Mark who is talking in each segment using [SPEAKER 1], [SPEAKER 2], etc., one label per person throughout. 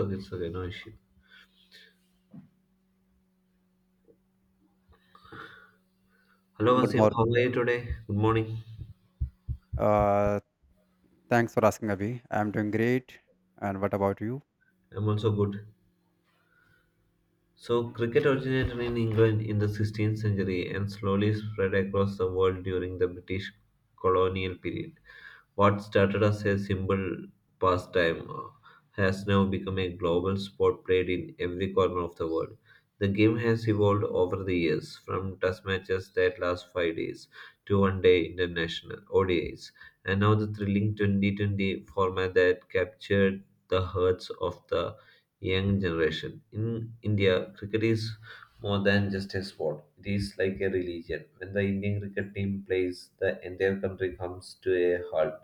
[SPEAKER 1] Okay, it's okay, no issue. Hello,
[SPEAKER 2] Good
[SPEAKER 1] Vasim.
[SPEAKER 2] morning.
[SPEAKER 1] How are you today? Good morning.
[SPEAKER 2] Uh, Thanks for asking, Abhi. I'm doing great. And what about you?
[SPEAKER 1] I'm also good. So, cricket originated in England in the 16th century and slowly spread across the world during the British colonial period. What started as a simple pastime has now become a global sport played in every corner of the world. The game has evolved over the years, from test matches that last 5 days to one day international ODIs, and now the thrilling 2020 format that captured the hearts of the young generation. In India, cricket is more than just a sport, it is like a religion. When the Indian cricket team plays, the entire country comes to a halt.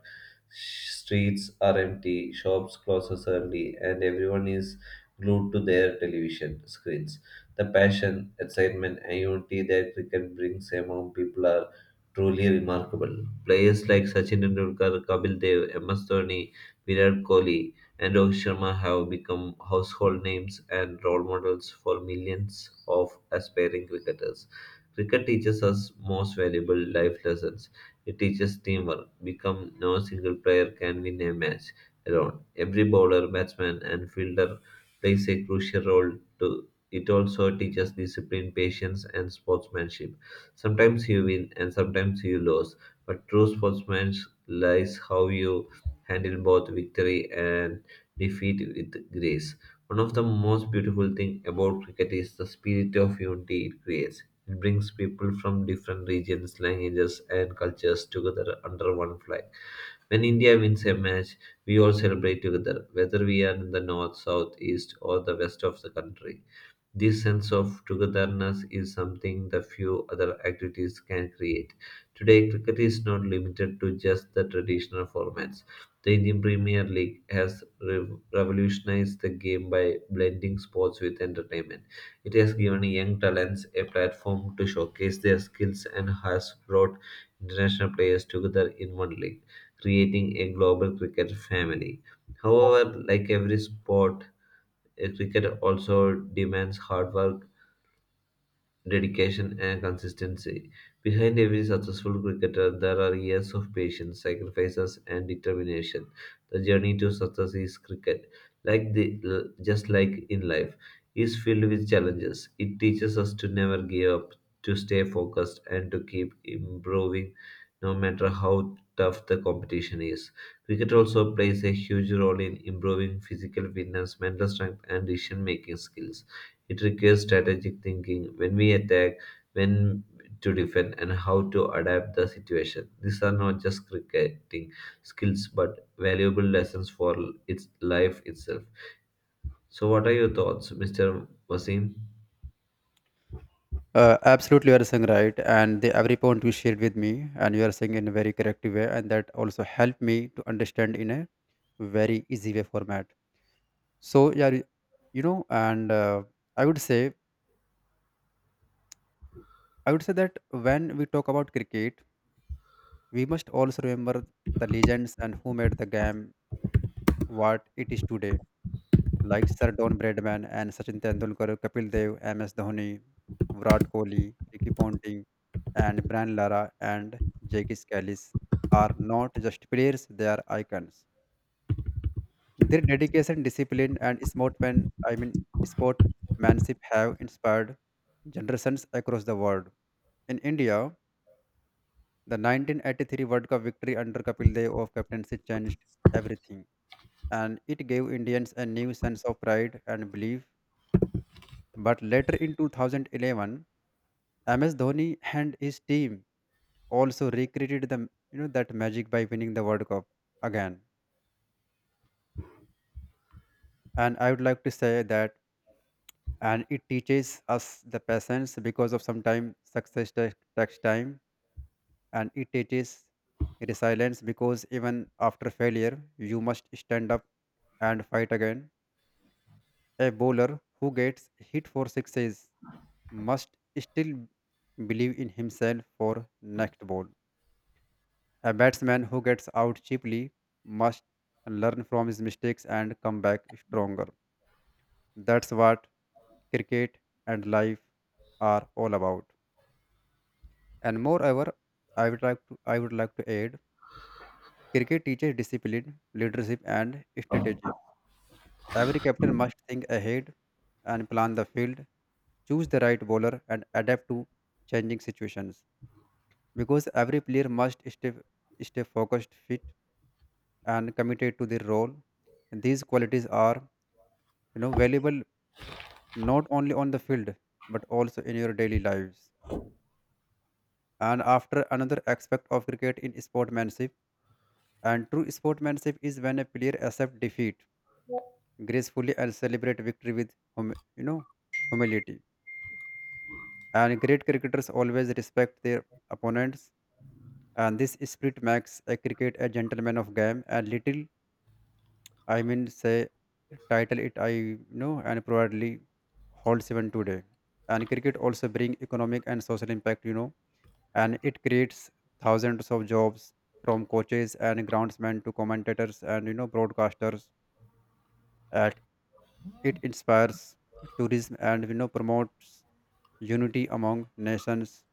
[SPEAKER 1] Streets are empty, shops closes early, and everyone is glued to their television screens. The passion, excitement, and unity that cricket brings among people are truly remarkable. Players like Sachin Tendulkar, Kapil Dev, MS Dhoni, Virat Kohli, and Rohit Sharma have become household names and role models for millions of aspiring cricketers. Cricket teaches us most valuable life lessons. It teaches teamwork. Become no single player can win a match alone. Every bowler, batsman, and fielder plays a crucial role to it also teaches discipline, patience, and sportsmanship. Sometimes you win and sometimes you lose, but true sportsmanship lies how you handle both victory and defeat with grace. One of the most beautiful things about cricket is the spirit of unity it creates. It brings people from different regions, languages, and cultures together under one flag. When India wins a match, we all celebrate together, whether we are in the north, south, east, or the west of the country. This sense of togetherness is something the few other activities can create. Today, cricket is not limited to just the traditional formats. The Indian Premier League has revolutionized the game by blending sports with entertainment. It has given young talents a platform to showcase their skills and has brought international players together in one league, creating a global cricket family. However, like every sport, cricket also demands hard work, dedication, and consistency. Behind every successful cricketer, there are years of patience, sacrifices, and determination. The journey to success is cricket, like just like in life, is filled with challenges. It teaches us to never give up, to stay focused, and to keep improving, no matter how tough the competition is. Cricket also plays a huge role in improving physical fitness, mental strength, and decision making skills. It requires strategic thinking when we attack, when to defend, and how to adapt the situation. These are not just cricketing skills but valuable lessons for its life itself. So, what are your thoughts, Mr. Wasim?
[SPEAKER 2] Absolutely, you are saying right. And every point you shared with me, and you are saying in a very correct way, and that also helped me to understand in a very easy way format. So yeah, you know, and I would say, I would say that when we talk about cricket, we must also remember the legends and who made the game what it is today. Like Sir Don Bradman and Sachin Tendulkar, Kapil Dev, MS Dhoni, Virat Kohli, Ricky Ponting, and Brian Lara and Jackie Scalise are not just players; they are icons. Their dedication, discipline, and sportman I mean sportsmanship have inspired generations across the world. In India, the 1983 World Cup victory under Kapil Dev of captaincy changed everything, and it gave Indians a new sense of pride and belief. But later in 2011, MS Dhoni and his team also recreated the you know that magic by winning the World Cup again. And I would like to say that, and it teaches us the patience because of sometimes success takes time, and it teaches resilience because even after failure, you must stand up and fight again. A bowler who gets hit for sixes must still believe in himself for next ball. A batsman who gets out cheaply must learn from his mistakes and come back stronger. That's what cricket and life are all about. And moreover, I would like to add cricket teaches discipline, leadership and strategy. Every captain must think ahead and plan the field, choose the right bowler and adapt to changing situations. Because every player must stay focused, fit and committed to their role. These qualities are, valuable not only on the field but also in your daily lives. And after another aspect of cricket in sportsmanship, and true sportsmanship is when a player accepts defeat gracefully and celebrate victory with hum- you know, humility. And great cricketers always respect their opponents, and this spirit makes a cricket a gentleman of game and say, title it, I know, and probably holds even today. And cricket also bring economic and social impact, and it creates thousands of jobs from coaches and groundsmen to commentators and broadcasters. And it inspires tourism and promotes unity among nations.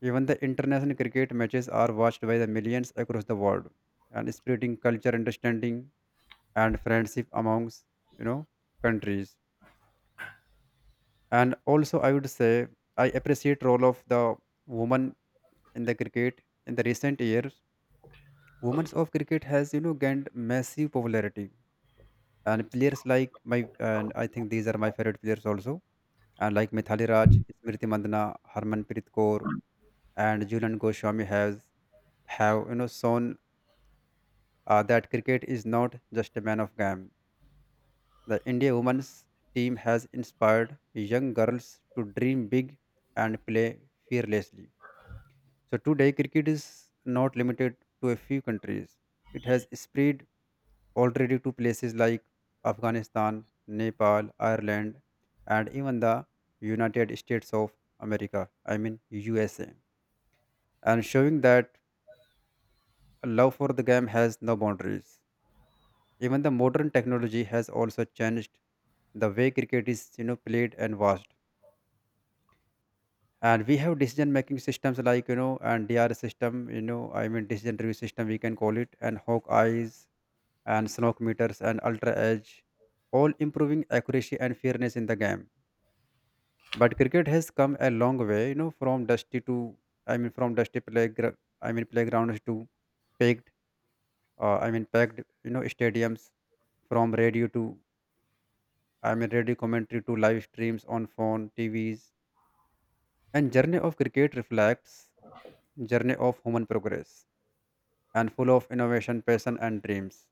[SPEAKER 2] Even the international cricket matches are watched by the millions across the world and spreading culture, understanding, and friendship amongst, you know, countries. And also I would say I appreciate role of the woman in the cricket. In the recent years, women's of cricket has gained massive popularity, and players like my, and I think these are my favorite players also, and like Mithali Raj, Smriti Mandana, Harmanpreet Kaur, and Julian Goswami has have shown that cricket is not just a man of game. The India women's team has inspired young girls to dream big and play fearlessly. So today, cricket is not limited to a few countries. It has spread already to places like Afghanistan, Nepal, Ireland, and even the United States of America, I mean USA, and showing that a love for the game has no boundaries. Even the modern technology has also changed the way cricket is played and watched, and we have decision making systems like you know and dr system, I mean decision review system, we can call it, and hawk Eyes, and smoke meters and ultra edge, all improving accuracy and fairness in the game. But cricket has come a long way, from dusty playgrounds to packed packed stadiums, from radio to I mean radio commentary to live streams on phone, TVs. And journey of cricket reflects journey of human progress and full of innovation, passion and dreams.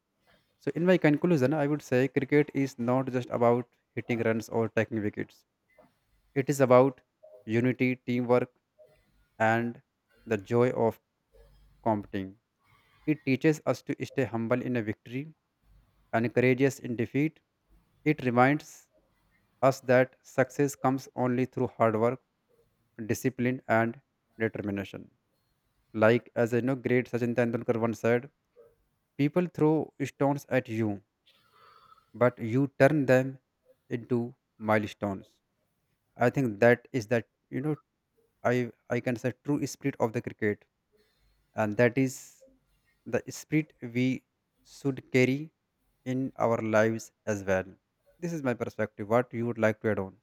[SPEAKER 2] So, in my conclusion, I would say cricket is not just about hitting runs or taking wickets. It is about unity, teamwork, and the joy of competing. It teaches us to stay humble in a victory and courageous in defeat. It reminds us that success comes only through hard work, discipline, and determination. Like as I know, great Sachin Tendulkar once said, "People throw stones at you, but you turn them into milestones." I think that is that I can say true spirit of the cricket, and that is the spirit we should carry in our lives as well. This is my perspective. What you would like to add on?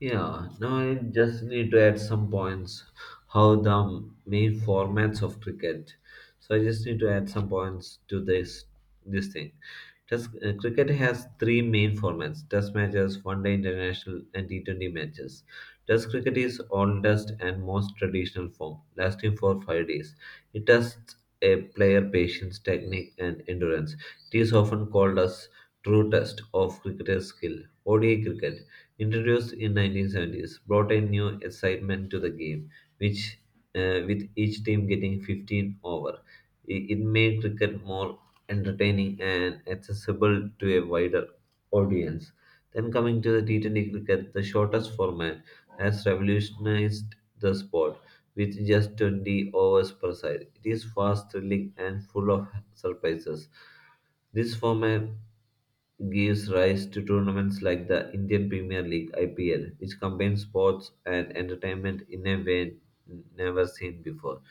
[SPEAKER 1] Yeah, now I just need to add some points how the main formats of cricket. So I just need to add some points to this thing. Test cricket has three main formats: Test matches, One Day International, and T20 matches. Test cricket is oldest and most traditional form, lasting for 5 days. It tests a player patience, technique, and endurance. It is often called as true test of cricketer's skill. ODI cricket, introduced in 1970s, brought a new excitement to the game, which with each team getting 15 over. It made cricket more entertaining and accessible to a wider audience. Then coming to the T20 cricket, the shortest format has revolutionized the sport with just 20 overs per side. It is fast, thrilling, and full of surprises. This format gives rise to tournaments like the Indian Premier League IPL, which combines sports and entertainment in a way never seen before.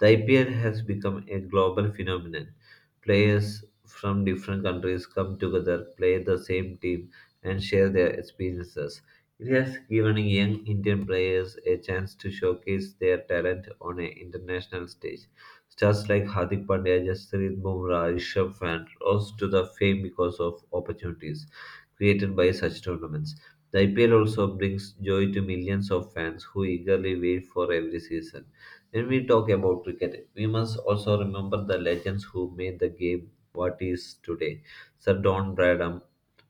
[SPEAKER 1] The IPL has become a global phenomenon. Players from different countries come together, play the same team, and share their experiences. It has given young Indian players a chance to showcase their talent on an international stage. Stars like Hardik Pandya, Jasprit Bumrah, Rishabh Pant rose to the fame because of opportunities created by such tournaments. The IPL also brings joy to millions of fans who eagerly wait for every season. When we talk about cricket, we must also remember the legends who made the game what is today. Sir Don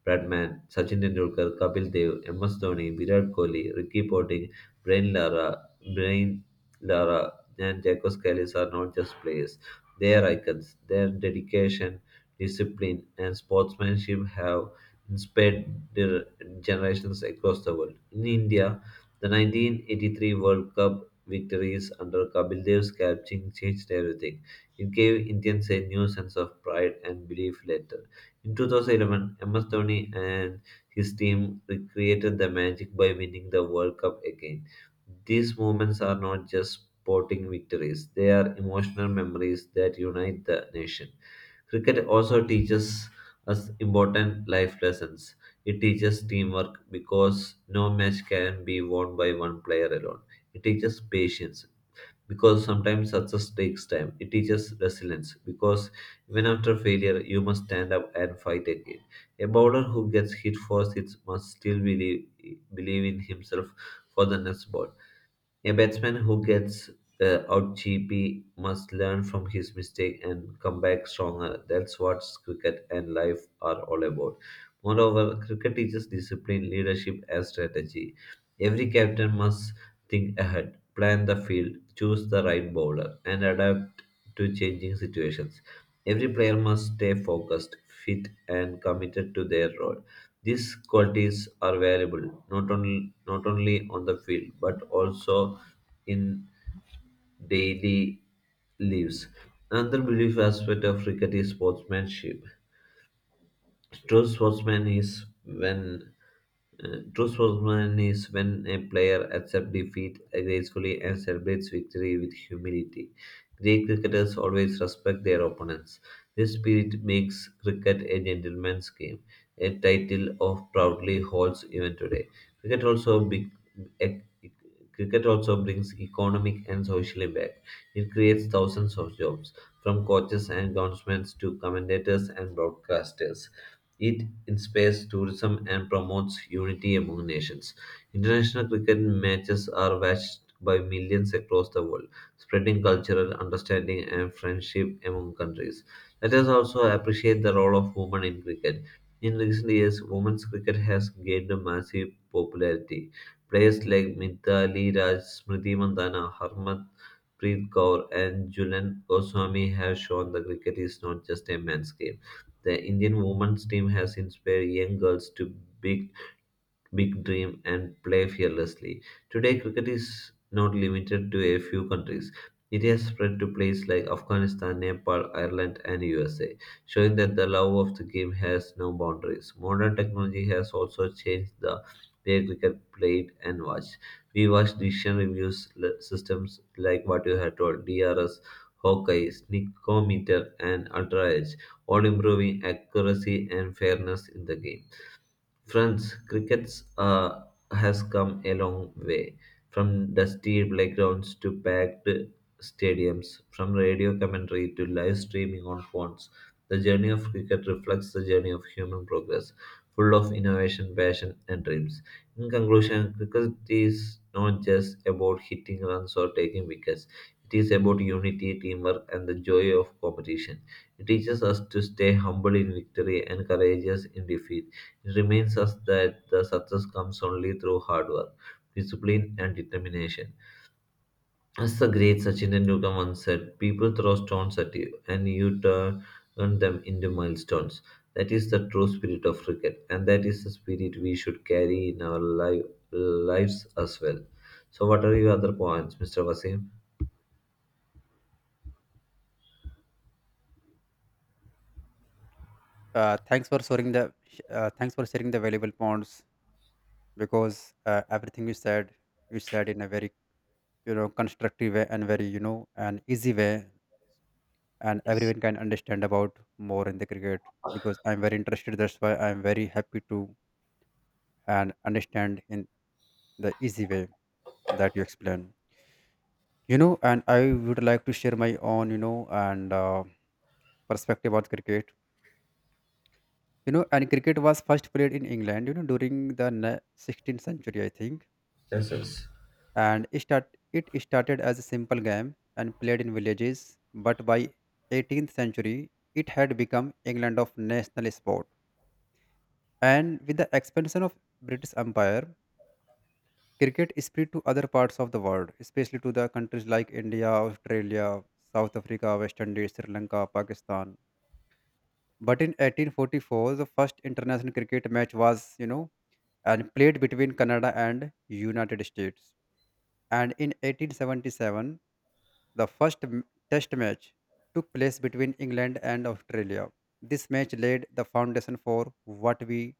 [SPEAKER 1] Bradman, Sachin Tendulkar, Kapil Dev, MS Dhoni, Virat Kohli, Ricky Ponting, Brian Lara, Brian Lara, and Jacko Scalis are not just players. They are icons. Their dedication, discipline, and sportsmanship have inspired their generations across the world. In India, the 1983 World Cup victories under Kapildev's coaching changed everything. It gave Indians a new sense of pride and belief later. In 2011, MS Dhoni and his team recreated the magic by winning the World Cup again. These moments are not just sporting victories, they are emotional memories that unite the nation. Cricket also teaches us important life lessons. It teaches teamwork because no match can be won by one player alone. It teaches patience because sometimes success takes time. It teaches resilience because even after failure, you must stand up and fight again. A bowler who gets hit first it must still believe in himself for the next ball. A batsman who gets out cheaply must learn from his mistake and come back stronger. That's what cricket and life are all about. Moreover, cricket teaches discipline, leadership, and strategy. Every captain must think ahead, plan the field, choose the right bowler, and adapt to changing situations. Every player must stay focused, fit, and committed to their role. These qualities are valuable not only on the field but also in daily lives. Another belief aspect of cricket is sportsmanship. True sportsman is when true sportsman is when a player accepts defeat gracefully and celebrates victory with humility. Great cricketers always respect their opponents. This spirit makes cricket a gentleman's game, a title of proudly holds even today. Cricket also big, ec- cricket also brings economic and social impact. It creates thousands of jobs, from coaches and groundsmen to commentators and broadcasters. It inspires tourism and promotes unity among nations. International cricket matches are watched by millions across the world, spreading cultural understanding and friendship among countries. Let us also appreciate the role of women in cricket. In recent years, women's cricket has gained a massive popularity. Players like Mithali Raj, Smriti Mandhana, Harmanpreet Kaur, and Julen Goswami have shown that cricket is not just a men's game. The Indian women's team has inspired young girls to big big dream and play fearlessly. Today, cricket is not limited to a few countries. It has spread to places like Afghanistan, Nepal, Ireland, and USA, showing that the love of the game has no boundaries. Modern technology has also changed the way cricket played and watched. We watch decision reviews systems like what you had told, DRS, Hawkeye, Sneakometer, and Ultra Edge, all improving accuracy and fairness in the game. Friends, cricket uh, has come a long way. From dusty playgrounds to packed stadiums, from radio commentary to live streaming on phones, the journey of cricket reflects the journey of human progress, full of innovation, passion, and dreams. In conclusion, cricket is not just about hitting runs or taking wickets. It is about unity, teamwork, and the joy of competition. It teaches us to stay humble in victory and courageous in defeat. It reminds us that the success comes only through hard work, discipline, and determination. As the great Sachin Tendulkar once said, people throw stones at you and you turn them into milestones. That is the true spirit of cricket, and that is the spirit we should carry in our lives as well. So, what are your other points, Mr. Wasim?
[SPEAKER 2] Uh, thanks for sharing the Thanks for sharing the valuable points because everything you said in a very constructive way and very an easy way, and
[SPEAKER 1] Yes,
[SPEAKER 2] everyone can understand about more in the cricket because I'm very interested. That's why I'm very happy to and understand in the easy way that you explain, and I would like to share my own, you know and perspective about cricket. You know and Cricket was first played in England during the 16th century I think,
[SPEAKER 1] yes. Yes.
[SPEAKER 2] and it started as a simple game and played in villages, but by 18th century it had become England of national sport. And with the expansion of British Empire, cricket spread to other parts of the world, especially to the countries like India, Australia, South Africa, West Indies, Sri Lanka, Pakistan. But in 1844, the first international cricket match was, you know, and played between Canada and United States. And in 1877, the first test match took place between England and Australia. This match laid the foundation for what we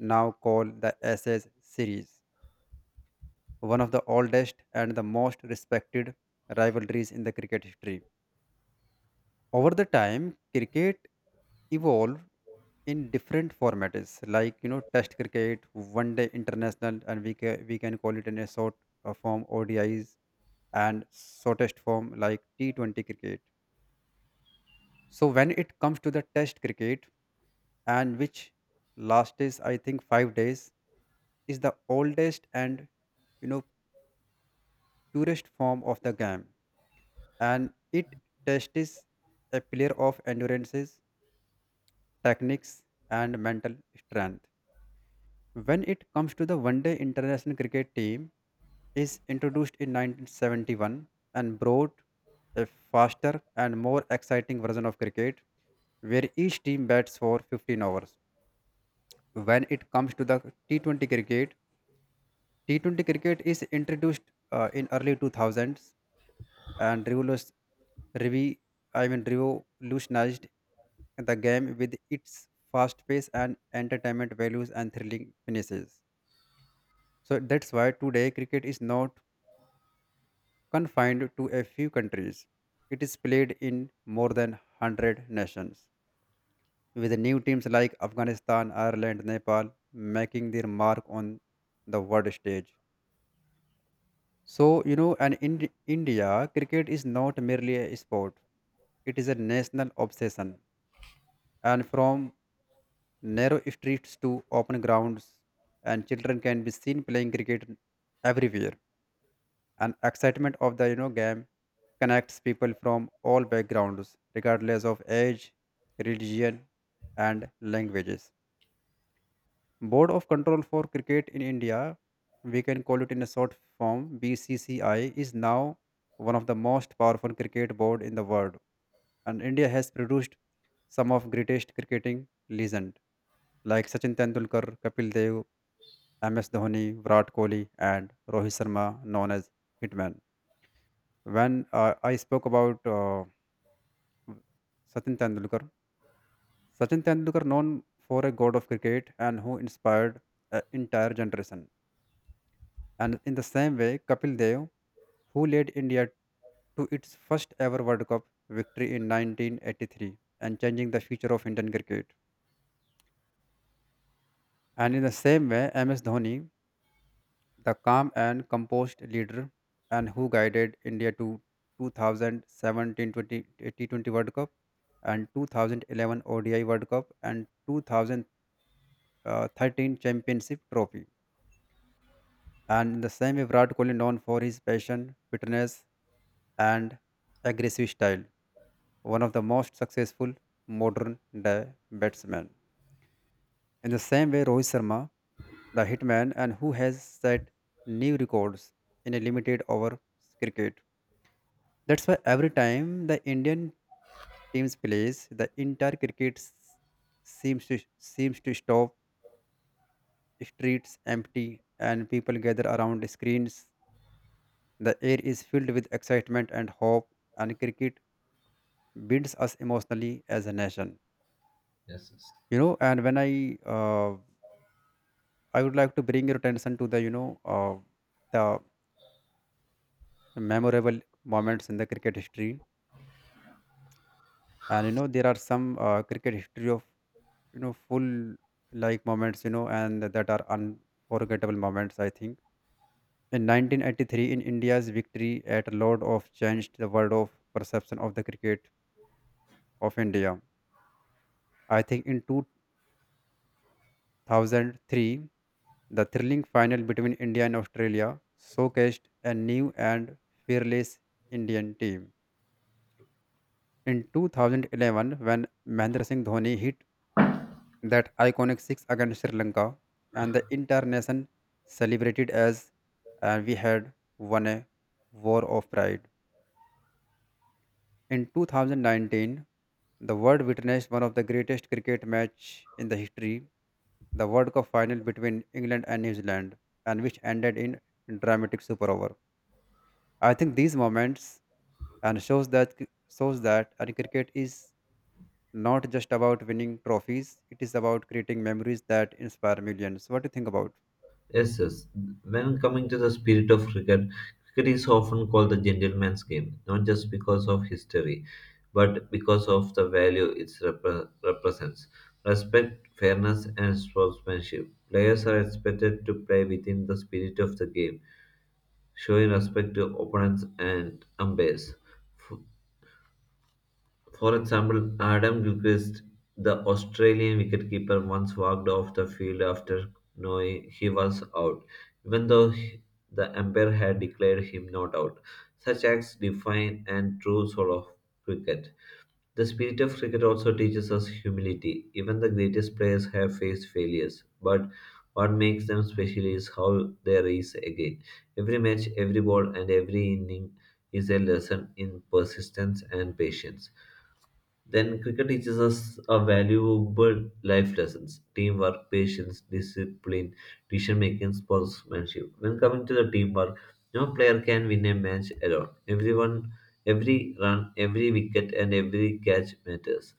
[SPEAKER 2] now call the Ashes series, one of the oldest and the most respected rivalries in the cricket history. Over the time, cricket evolved in different formats like test cricket, one day international, and we can call it in a short form odis, and shortest form like T20 cricket. So when it comes to the test cricket, and which last is I think 5 days, is the oldest and you know purest form of the game, and it tests a player of endurances, techniques, and mental strength. When it comes to the one-day international cricket team, is introduced in 1971 and brought a faster and more exciting version of cricket, where each team bats for 15 overs. When it comes to the T20 cricket, T20 cricket is introduced in early 2000s and revi- revolutionized the game with its fast pace and entertainment values and thrilling finishes. So that's why today cricket is not confined to a few countries. It is played in more than 100 nations, with new teams like Afghanistan, Ireland, Nepal making their mark on the world stage. So, you know, and in India, cricket is not merely a sport, it is a national obsession, and from narrow streets to open grounds, and children can be seen playing cricket everywhere, and excitement of the game connects people from all backgrounds regardless of age, religion, and languages. Board of Control for Cricket in India, we can call it in a short form BCCI, is now one of the most powerful cricket board in the world, and India has produced some of greatest cricketing legend like Sachin Tendulkar, Kapil Dev, MS Dhoni, Virat Kohli, and Rohit Sharma, known as Hitman. When I spoke about Sachin Tendulkar, Sachin Tendulkar, known for a god of cricket and who inspired an entire generation. And in the same way, Kapil Dev, who led India to its first ever World Cup victory in 1983 and changing the future of Indian cricket. And in the same way, MS Dhoni, the calm and composed leader and who guided India to 2017 T20 World Cup and 2011 ODI World Cup and 2013 Championship Trophy. And in the same way, Virat Kohli known for his passion, fitness, and aggressive style, one of the most successful modern day batsmen. In the same way, Rohit Sharma, the hitman, and who has set new records in a limited over cricket. That's why every time the Indian teams plays, the entire cricket seems to stop. Streets empty, and people gather around screens. The air is filled with excitement and hope, and cricket binds us emotionally as a nation.
[SPEAKER 1] Yes, yes.
[SPEAKER 2] You know, and when I would like to bring your attention to the the memorable moments in the cricket history, and there are some cricket history of full like moments and that are unforgettable moments. I think in 1983 in India's victory at Lord of changed the world of perception of the cricket of India. I think in 2003, the thrilling final between India and Australia showcased a new and fearless Indian team. In 2011, when Mahendra Singh Dhoni hit that iconic six against Sri Lanka, and the entire nation celebrated as we had won a war of pride. In 2019, the world witnessed one of the greatest cricket match in the history, the World Cup final between England and New Zealand, and which ended in dramatic super over. I think these moments and shows that and cricket is not just about winning trophies. It is about creating memories that inspire millions. What do you think about?
[SPEAKER 1] Yes, yes. When coming to the spirit of cricket, cricket is often called the gentleman's game, not just because of history, but because of the value it represents. Respect, fairness, and sportsmanship. Players are expected to play within the spirit of the game, showing respect to opponents and umpires. F- for example, Adam Gilchrist, the Australian wicketkeeper, once walked off the field after knowing he was out, even though the umpire had declared him not out. Such acts define and true soul of cricket. The spirit of cricket also teaches us humility. Even the greatest players have faced failures, but what makes them special is how they rise again. Every match, every ball, and every inning is a lesson in persistence and patience. Then cricket teaches us a valuable life lessons: teamwork, patience, discipline, decision making, sportsmanship. When coming to the teamwork, no player can win a match alone. Everyone, every run, every wicket, and every catch matters.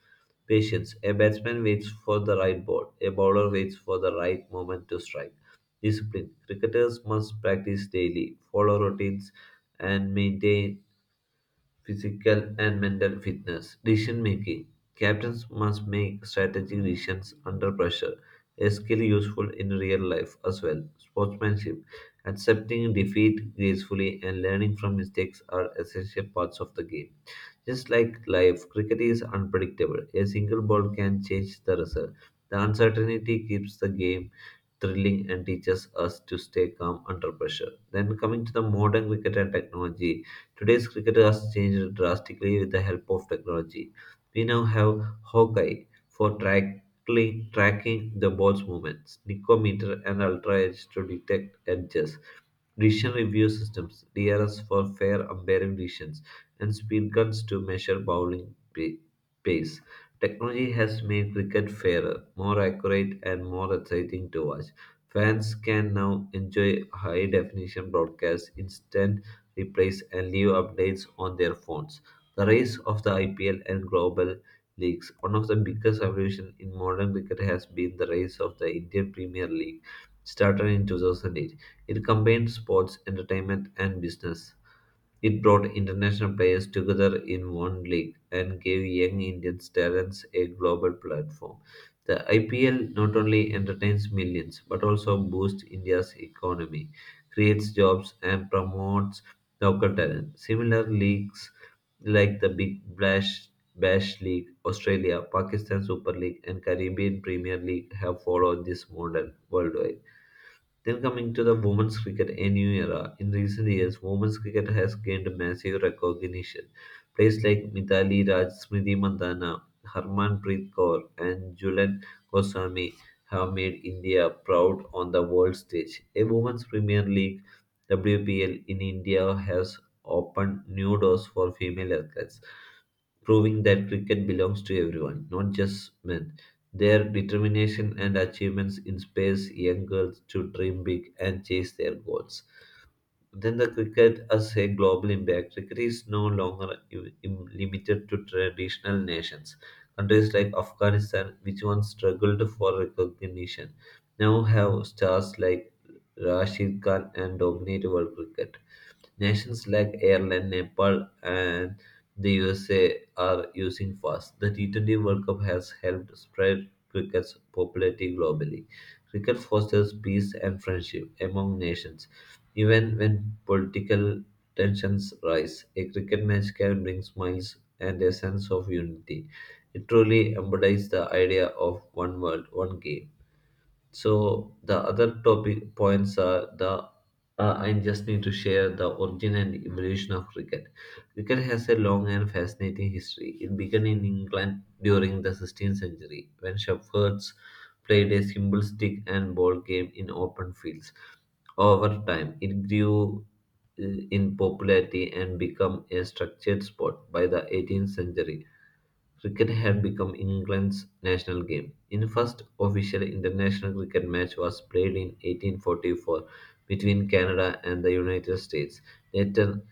[SPEAKER 1] Patience. A batsman waits for the right ball. A bowler waits for the right moment to strike. Discipline. Cricketers must practice daily, follow routines, and maintain physical and mental fitness. Decision making. Captains must make strategic decisions under pressure, a skill useful in real life as well. Sportsmanship. Accepting defeat gracefully and learning from mistakes are essential parts of the game. Just like life, cricket is unpredictable. A single ball can change the result. The uncertainty keeps the game thrilling and teaches us to stay calm under pressure. Then, coming to the modern cricket and technology, today's cricket has changed drastically with the help of technology. We now have Hawkeye for tracking the ball's movements, Nicometer and Ultra Edge to detect edges, decision review systems (DRS) for fair umpiring decisions, and speed guns to measure pace. Technology has made cricket fairer, more accurate, and more exciting to watch. Fans can now enjoy high definition broadcasts, instant replays, and live updates on their phones. The rise of the IPL and global leagues. One of the biggest evolutions in modern cricket has been the rise of the Indian Premier League started in 2008. It combined sports, entertainment, and business. It brought international players together in one league and gave young Indian talents a global platform. The IPL not only entertains millions but also boosts India's economy, creates jobs, and promotes local talent. Similar leagues like the Big Bash, Bash League, Australia, Pakistan Super League, and Caribbean Premier League have followed this model worldwide. Then coming to the women's cricket, a new era. In recent years, women's cricket has gained massive recognition. Players like Mithali Raj, Smriti Mandhana, Harmanpreet Kaur, and Julen Goswami have made India proud on the world stage. A women's Premier League WPL in India has opened new doors for female athletes, proving that cricket belongs to everyone, not just men. Their determination and achievements inspires young girls to dream big and chase their goals. Then the cricket as a global impact. Cricket is no longer limited to traditional nations. Countries like Afghanistan, which once struggled for recognition, now have stars like Rashid Khan and dominate world cricket. Nations like Ireland, Nepal, and the USA are using fast. The T20 World Cup has helped spread cricket's popularity globally. Cricket fosters peace and friendship among nations. Even when political tensions rise, a cricket match can bring smiles and a sense of unity. It truly embodies the idea of one world, one game. So the other topic points are the I just need to share the origin and evolution of cricket. Cricket has a long and fascinating history. It began in England during the 16th century when shepherds played a simple stick and ball game in open fields. Over time, it grew uh, in popularity and became a structured sport by the 18th century. Cricket had become England's national game. In first official international cricket match was played in 1844 between Canada and the United States. Later,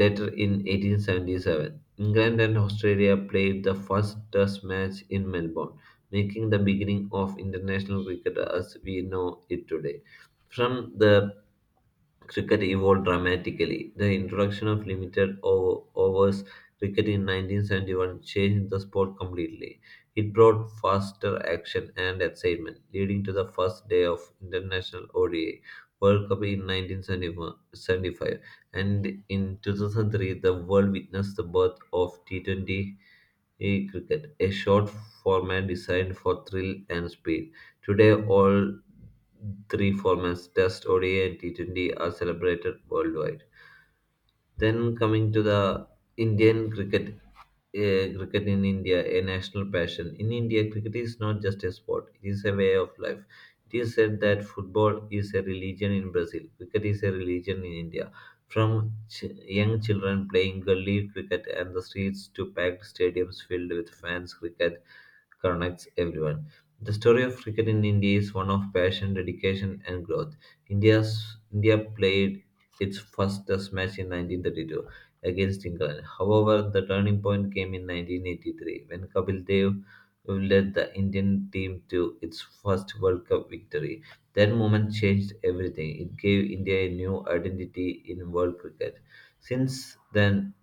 [SPEAKER 1] later, in 1877, England and Australia played the first test match in Melbourne, making the beginning of international cricket as we know it today. From the Cricket evolved dramatically. The introduction of limited overs cricket in 1971 changed the sport completely. It brought faster action and excitement, leading to the first day of International ODI World Cup in 1975. And in 2003, the world witnessed the birth of T20 E cricket, a short format designed for thrill and speed. Today, all three formats, Test, ODI, and T20, are celebrated worldwide. Then coming to the Indian cricket, cricket in India, a national passion. In India, cricket is not just a sport; it is a way of life. It is said that football is a religion in Brazil. Cricket is a religion in India. From young children playing gully cricket and the streets to packed stadiums filled with fans, cricket connects everyone. The story of cricket in India is one of passion, dedication, and growth. India's India played its first Test match in 1932 against England. However, the turning point came in 1983 when Kapil Dev led the Indian team to its first World Cup victory. That moment changed everything. It gave India a new identity in world cricket. Since then,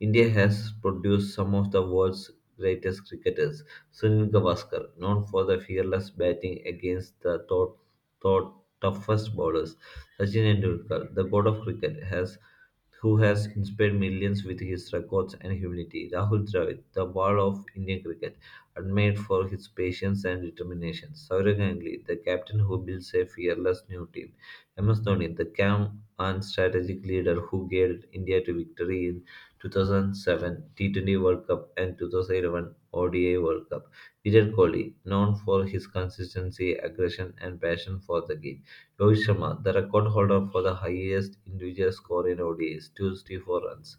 [SPEAKER 1] India has produced some of the world's greatest cricketers. Sunil Gavaskar, known for the fearless batting against the thought, toughest bowlers. Sachin Tendulkar, the god of cricket, has who has inspired millions with his records and humility. Rahul Dravid, the wall of Indian cricket, admired for his patience and determination. Saurav Ganguly, the captain who builds a fearless new team. MS Dhoni, the calm and strategic leader who guided India to victory in 2007 T20 World Cup and 2011 ODI World Cup. Virat Kohli, known for his consistency, aggression, and passion for the game. Rohit Sharma, the record holder for the highest individual score in ODIs, 264 runs.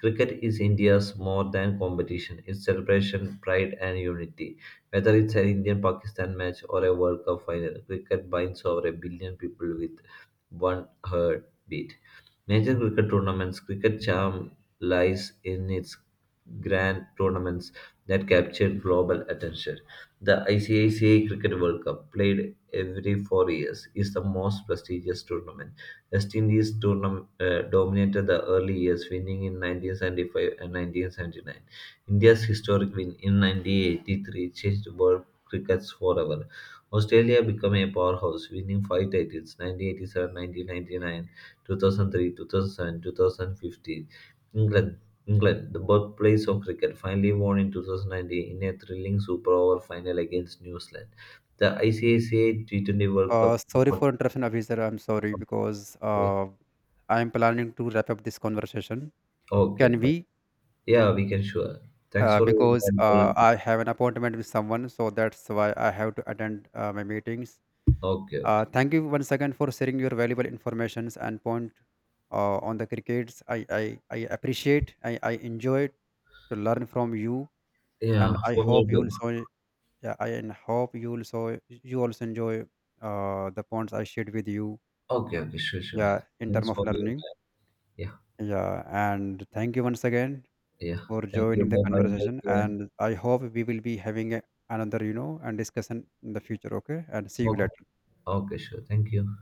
[SPEAKER 1] Cricket is India's more than competition, it's celebration, pride, and unity. Whether it's an Indian Pakistan match or a World Cup final, cricket binds over a billion people with one heartbeat. Major cricket tournaments, cricket charm lies in its grand tournaments that captured global attention. The ICICI Cricket World Cup, played every 4 years, is the most prestigious tournament. West Indies dominated the early years, winning in 1975 and 1979. India's historic win in 1983 changed world cricket forever. Australia became a powerhouse, winning five titles 1987, 2003, 2007, 2015. England England, the birthplace of cricket, finally won in 2019 in a thrilling Super Over final against New Zealand. The ICICI T20 World Cup.
[SPEAKER 2] Sorry for interruption, Abhizar. I'm sorry because I'm planning to wrap up this conversation.
[SPEAKER 1] Okay,
[SPEAKER 2] Can
[SPEAKER 1] fine.
[SPEAKER 2] we?
[SPEAKER 1] Yeah, we can sure. Thanks for your
[SPEAKER 2] Because
[SPEAKER 1] valuable.
[SPEAKER 2] I have an appointment with someone, so that's why I have to attend my meetings.
[SPEAKER 1] Okay, okay.
[SPEAKER 2] Thank you once again for sharing your valuable informations and point on the crickets. I appreciate, I enjoyed to learn from you,
[SPEAKER 1] Yeah,
[SPEAKER 2] and I
[SPEAKER 1] for
[SPEAKER 2] hope
[SPEAKER 1] me
[SPEAKER 2] you
[SPEAKER 1] too.
[SPEAKER 2] also, yeah, I and hope you also, enjoy the points I shared with you.
[SPEAKER 1] Okay, okay, sure, sure.
[SPEAKER 2] Yeah, in term
[SPEAKER 1] Thanks
[SPEAKER 2] of
[SPEAKER 1] for your time.
[SPEAKER 2] learning.
[SPEAKER 1] Yeah,
[SPEAKER 2] Yeah, and thank you once again
[SPEAKER 1] yeah.
[SPEAKER 2] for
[SPEAKER 1] Thank you.
[SPEAKER 2] joining the
[SPEAKER 1] Bye bye. Take
[SPEAKER 2] conversation.
[SPEAKER 1] care.
[SPEAKER 2] And I hope we will be having a, another, you know, and discussion in the future. Okay, and see you
[SPEAKER 1] Okay,
[SPEAKER 2] later.
[SPEAKER 1] okay, sure. Thank you.